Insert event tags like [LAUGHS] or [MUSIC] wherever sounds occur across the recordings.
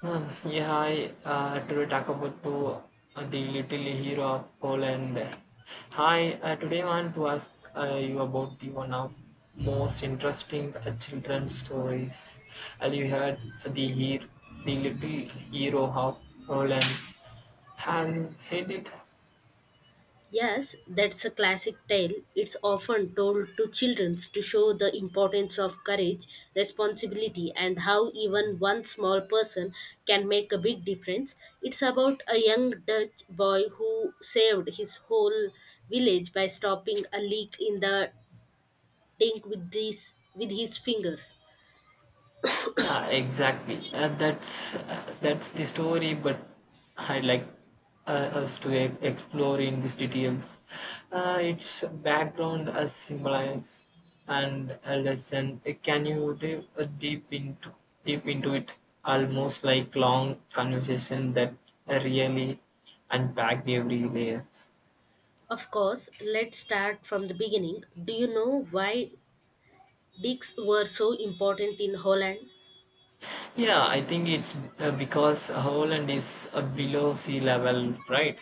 Yeah, I to talk about to the little hero of Poland. Hi, today I want to ask you about the one of most interesting children's stories. And you heard the hero, the little hero of Poland. Have you heard it? Yes, that's a classic tale. It's often told to children to show the importance of courage, responsibility, and how even one small person can make a big difference. It's about a young Dutch boy who saved his whole village by stopping a leak in the tank with his fingers. Yeah, exactly. That's the story, but I like us to explore in these details. Its background as symbolize and a lesson. Can you dive deep into it? Almost like long conversation that really unpacked every layer. Of course, let's start from the beginning. Do you know why dicks were so important in Holland? Yeah, I think it's because Holland is below sea level, right?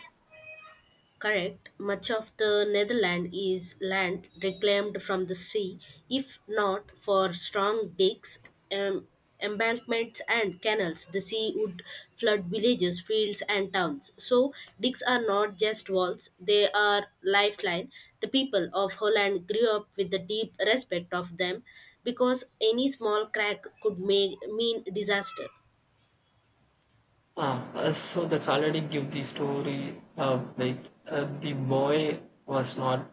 Correct. Much of the Netherlands is land reclaimed from the sea, if not for strong dikes, um, embankments, and canals. The sea would flood villages, fields, and towns. So, dikes are not just walls; they are lifeline. The people of Holland grew up with the deep respect of them, because any small crack could make, mean disaster. So that's already give the story like the boy was not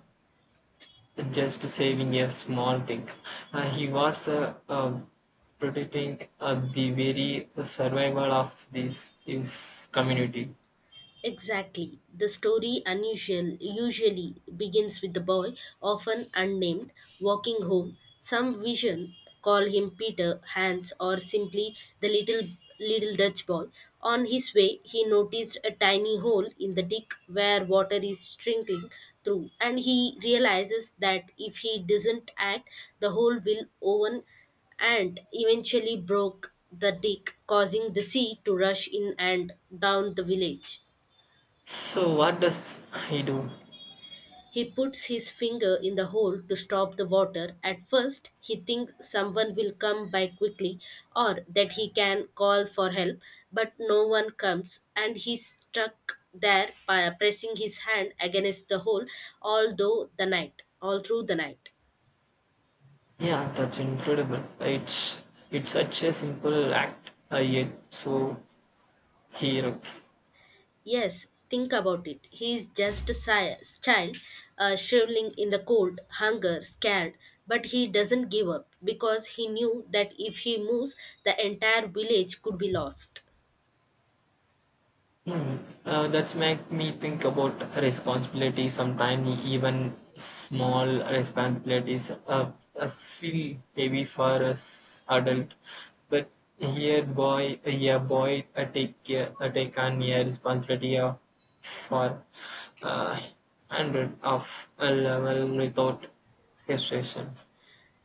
just saving a small thing. He was Protecting the very survival of this his community. Exactly. The story unusual usually begins with the boy, often unnamed, walking home. Some vision call him Peter, Hans, or simply the little Dutch boy. On his way, he noticed a tiny hole in the dick where water is trickling through, and he realizes that if he doesn't act, the hole will open and eventually broke the dick, causing the sea to rush in and down the village. So what does he do? He puts his finger in the hole to stop the water. At first, he thinks someone will come by quickly or that he can call for help, but no one comes and he's stuck there by pressing his hand against the hole all through the night, all through the night. Yeah, that's incredible. It's such a simple act yet so heroic. Yes, think about it. He is just a si- child, shriveling in the cold, hunger, scared, but he doesn't give up because he knew that if he moves, the entire village could be lost. Hmm. That's make me think about responsibility. Sometimes even small responsibilities feel heavy for us adult, but here boy, yeah boy, take on your responsibility for uh, hundred of a level without restrictions.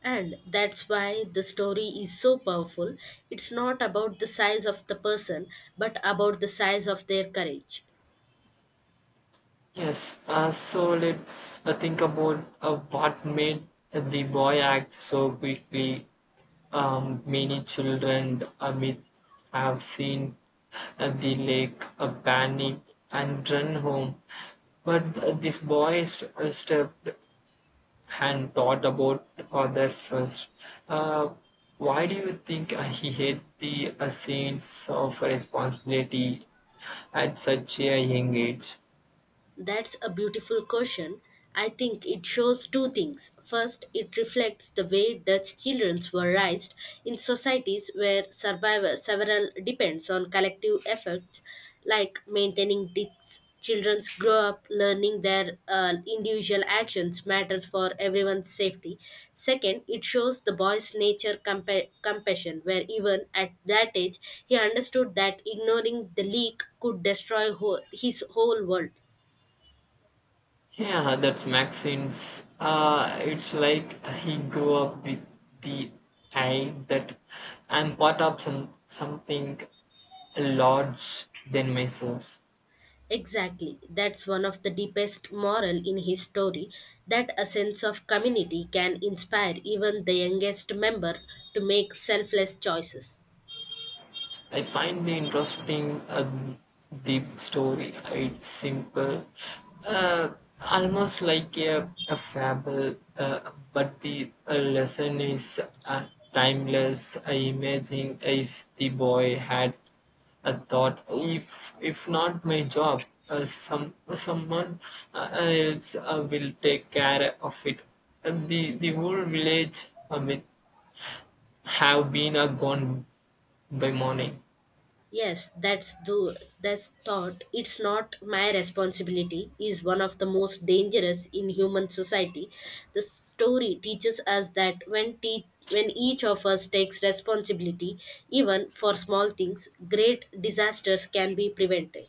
And that's why the story is so powerful. It's not about the size of the person, but about the size of their courage. Yes, so let's think about what made the boy act so quickly. Many children amid have seen the lake, panic and run home, but this boy stepped and thought about other first. Uh, why do you think he had the sense of responsibility at such a young age? That's a beautiful question. I think it shows two things. First, it reflects the way Dutch children were raised in societies where survival several depends on collective efforts, like maintaining Dutch children grow up learning their individual actions matters for everyone's safety. Second, it shows the boy's nature compassion, where even at that age he understood that ignoring the leak could destroy whole, his whole world. Yeah, that's Maxine's. It's like he grew up with the idea that I'm part of something large than myself. Exactly. That's one of the deepest moral in his story that a sense of community can inspire even the youngest member to make selfless choices. I find the interesting deep story. It's simple, uh, almost like a fable, but the lesson is timeless. I imagine if the boy had a thought, if not my job, someone else will take care of it. And the whole village will have been gone by morning. Yes, that's thought. It's not my responsibility is one of the most dangerous in human society. The story teaches us that when each of us takes responsibility, even for small things, great disasters can be prevented.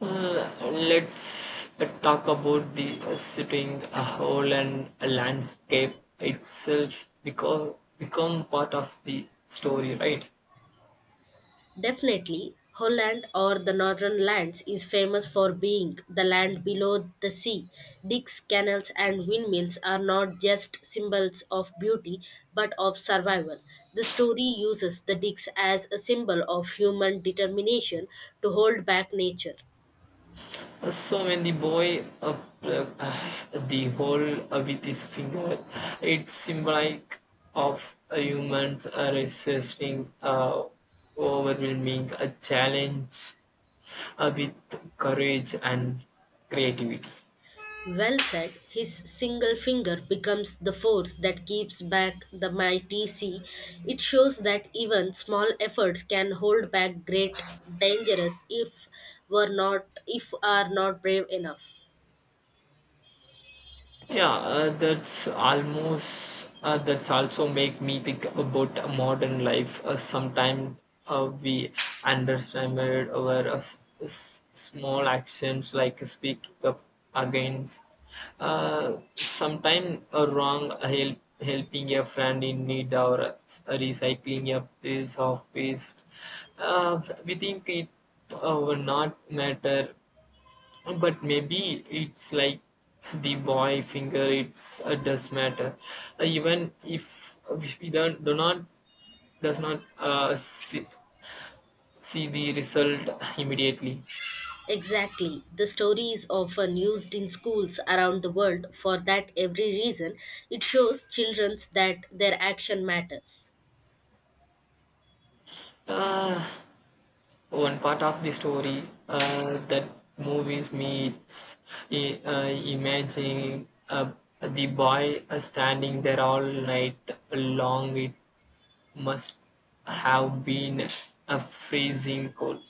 Let's talk about the sitting a whole and a landscape itself because become part of the story, right? Definitely, Holland or the Northern Lands is famous for being the land below the sea. Dicks, canals, and windmills are not just symbols of beauty but of survival. The story uses the dicks as a symbol of human determination to hold back nature. So when the boy pl- uh, the hole with his finger, it's symbolic of a human's resisting overwhelming a challenge with courage and creativity. Well said, his single finger becomes the force that keeps back the mighty sea. It shows that even small efforts can hold back great dangerous if were not if are not brave enough. Yeah, that's also make me think about a modern life. Sometimes we underestimate our small actions like speaking up against. Sometimes a wrong helping a friend in need or recycling a piece of waste. We think it will not matter but maybe it's like the boy finger it's does matter. Even if we don't do not does not see the result immediately. Exactly. The story is often used in schools around the world for that every reason. It shows children that their action matters. uh, One part of the story that movies meets it's i- uh, imagining the boy standing there all night long, it must have been a freezing cold.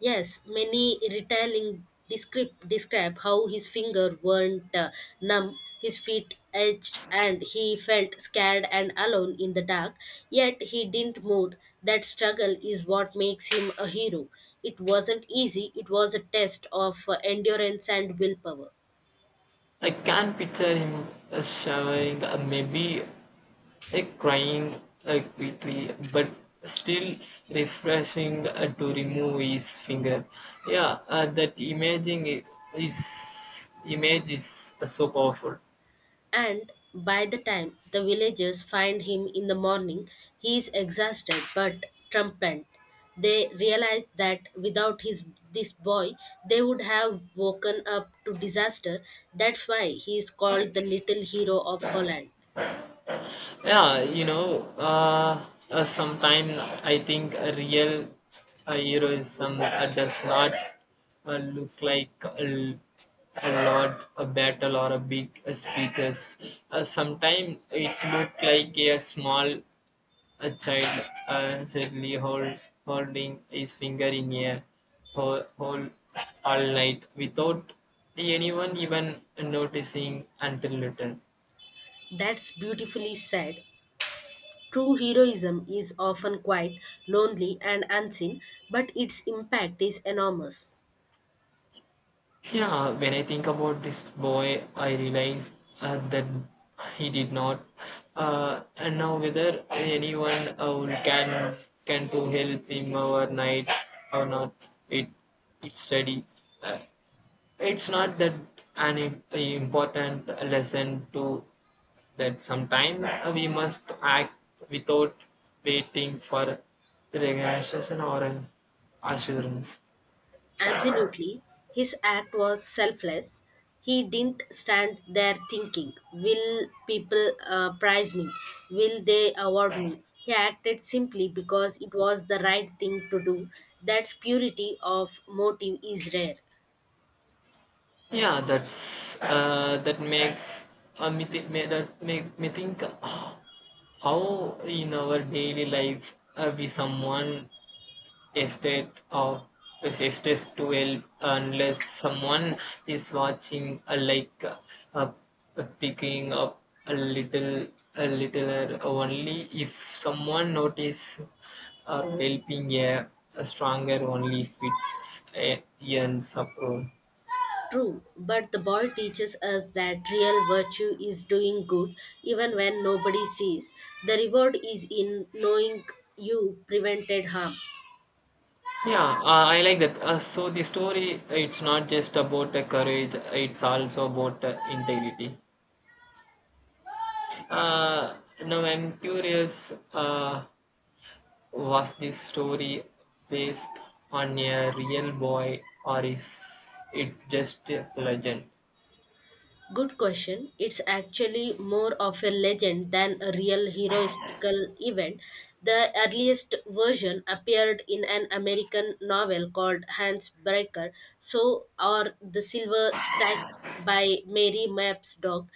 Yes, many retelling descript describe how his finger weren't numb, his feet itched, and he felt scared and alone in the dark. Yet he didn't move. That struggle is what makes him a hero. It wasn't easy. It was a test of endurance and willpower. I can picture him showering, maybe crying quickly, but still refreshing to remove his finger. Yeah, that imaging is image is so powerful. And by the time the villagers find him in the morning, he is exhausted but triumphant. They realize that without his this boy, they would have woken up to disaster. That's why he is called the little hero of Holland. Yeah, sometimes I think a real heroism does not look like a lot, a battle or a big speeches. Sometimes it looked like a small a child holding his finger in a hole all night without anyone even noticing until later. That's beautifully said. True heroism is often quite lonely and unseen, but its impact is enormous. Yeah, when I think about this boy, I realize that he did not. And now whether anyone can to help him overnight or not, it it's steady. Uh, it's not that an important lesson to that. Sometimes we must act without waiting for recognition or assurance. Absolutely. His act was selfless. He didn't stand there thinking, will people prize me? Will they award me? He acted simply because it was the right thing to do. That's purity of motive is rare. Yeah, that makes that make me think how in our daily life we someone estate of estate to help unless someone is watching like uh, picking up a little a littler only if someone notice or helping a stronger only if it's ends up room. True, but the boy teaches us that real virtue is doing good even when nobody sees. The reward is in knowing you prevented harm. Yeah, I like that. So the story, it's not just about courage; it's also about integrity. Uh, Now I'm curious. Was this story based on a real boy, or is it just a legend? Good question. It's actually more of a legend than a real heroistical event. The earliest version appeared in an American novel called Hans Breaker, so are the Silver Stacks by Mary Mapps Dog,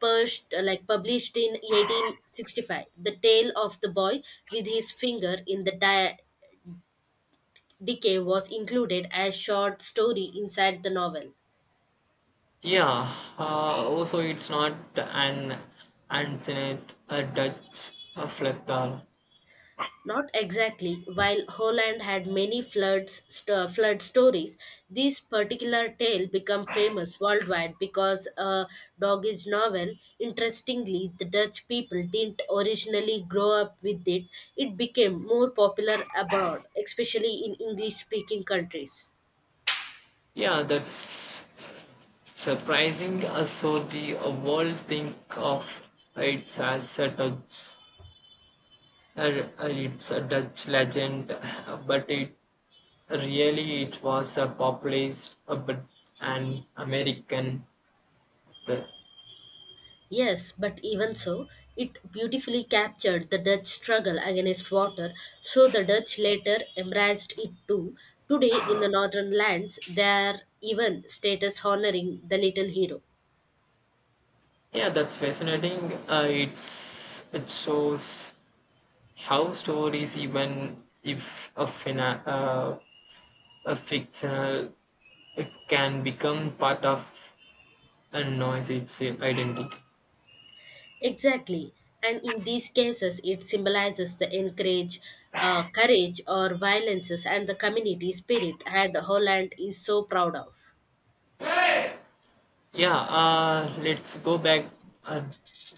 pushed, like published in 1865. The tale of the boy with his finger in the di- decay was included as short story inside the novel. Yeah. Also, it's not an ancient Dutch flag doll. Not exactly. While Holland had many floods, flood stories, this particular tale became famous worldwide because a doggish novel. Interestingly, the Dutch people didn't originally grow up with it. It became more popular abroad, especially in English-speaking countries. Yeah, that's surprising. So the world think of it as a Dutch, it's a Dutch legend, [LAUGHS] but it was a populist but an American. The, Yes, but even so, it beautifully captured the Dutch struggle against water, so the Dutch later embraced it too. Today, in the northern lands, there are even status honoring the little hero. yeah, that's fascinating. It's it shows how stories, even if a fictional, it can become part of a noise its identity. Exactly, and in these cases, it symbolizes the courage, or violences and the community spirit, and Holland is so proud of. Yeah, let's go back uh,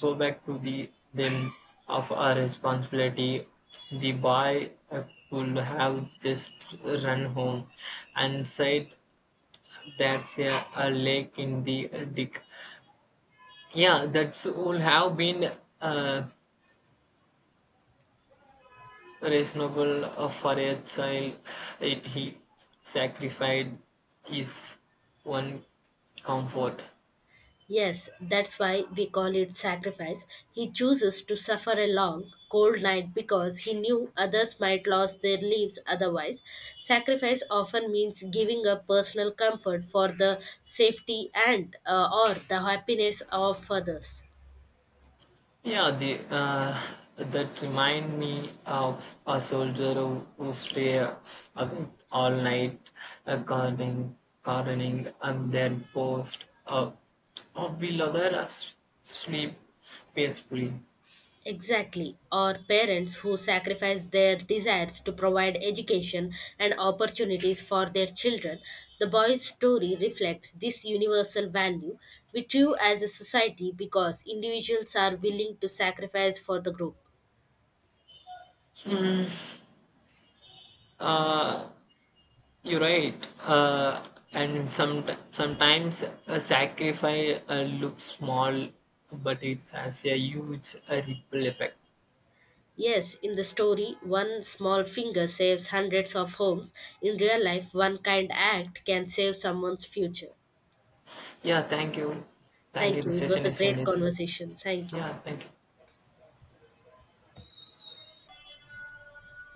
to the them of our responsibility. The boy could have just run home and said there's a lake in the dick. Yeah, that's would have been uh, reasonable for a child. It, he sacrificed his one comfort. Yes, that's why we call it sacrifice. He chooses to suffer a long, cold night because he knew others might lose their lives otherwise. Sacrifice often means giving up personal comfort for the safety and or the happiness of others. Yeah, the that remind me of a soldier who stay awake all night uh, guarding, gardening and then post of the other us sleep peacefully. Exactly, or parents who sacrifice their desires to provide education and opportunities for their children. The boy's story reflects this universal value we you as a society because individuals are willing to sacrifice for the group. Uh, you're right. And some, Sometimes a sacrifice looks small, but it has a huge ripple effect. Yes, in the story, one small finger saves hundreds of homes. In real life, one kind act can save someone's future. Yeah, thank you. Thank you. Thank The you. It was session a is great finished. conversation. Thank you. Yeah, thank you.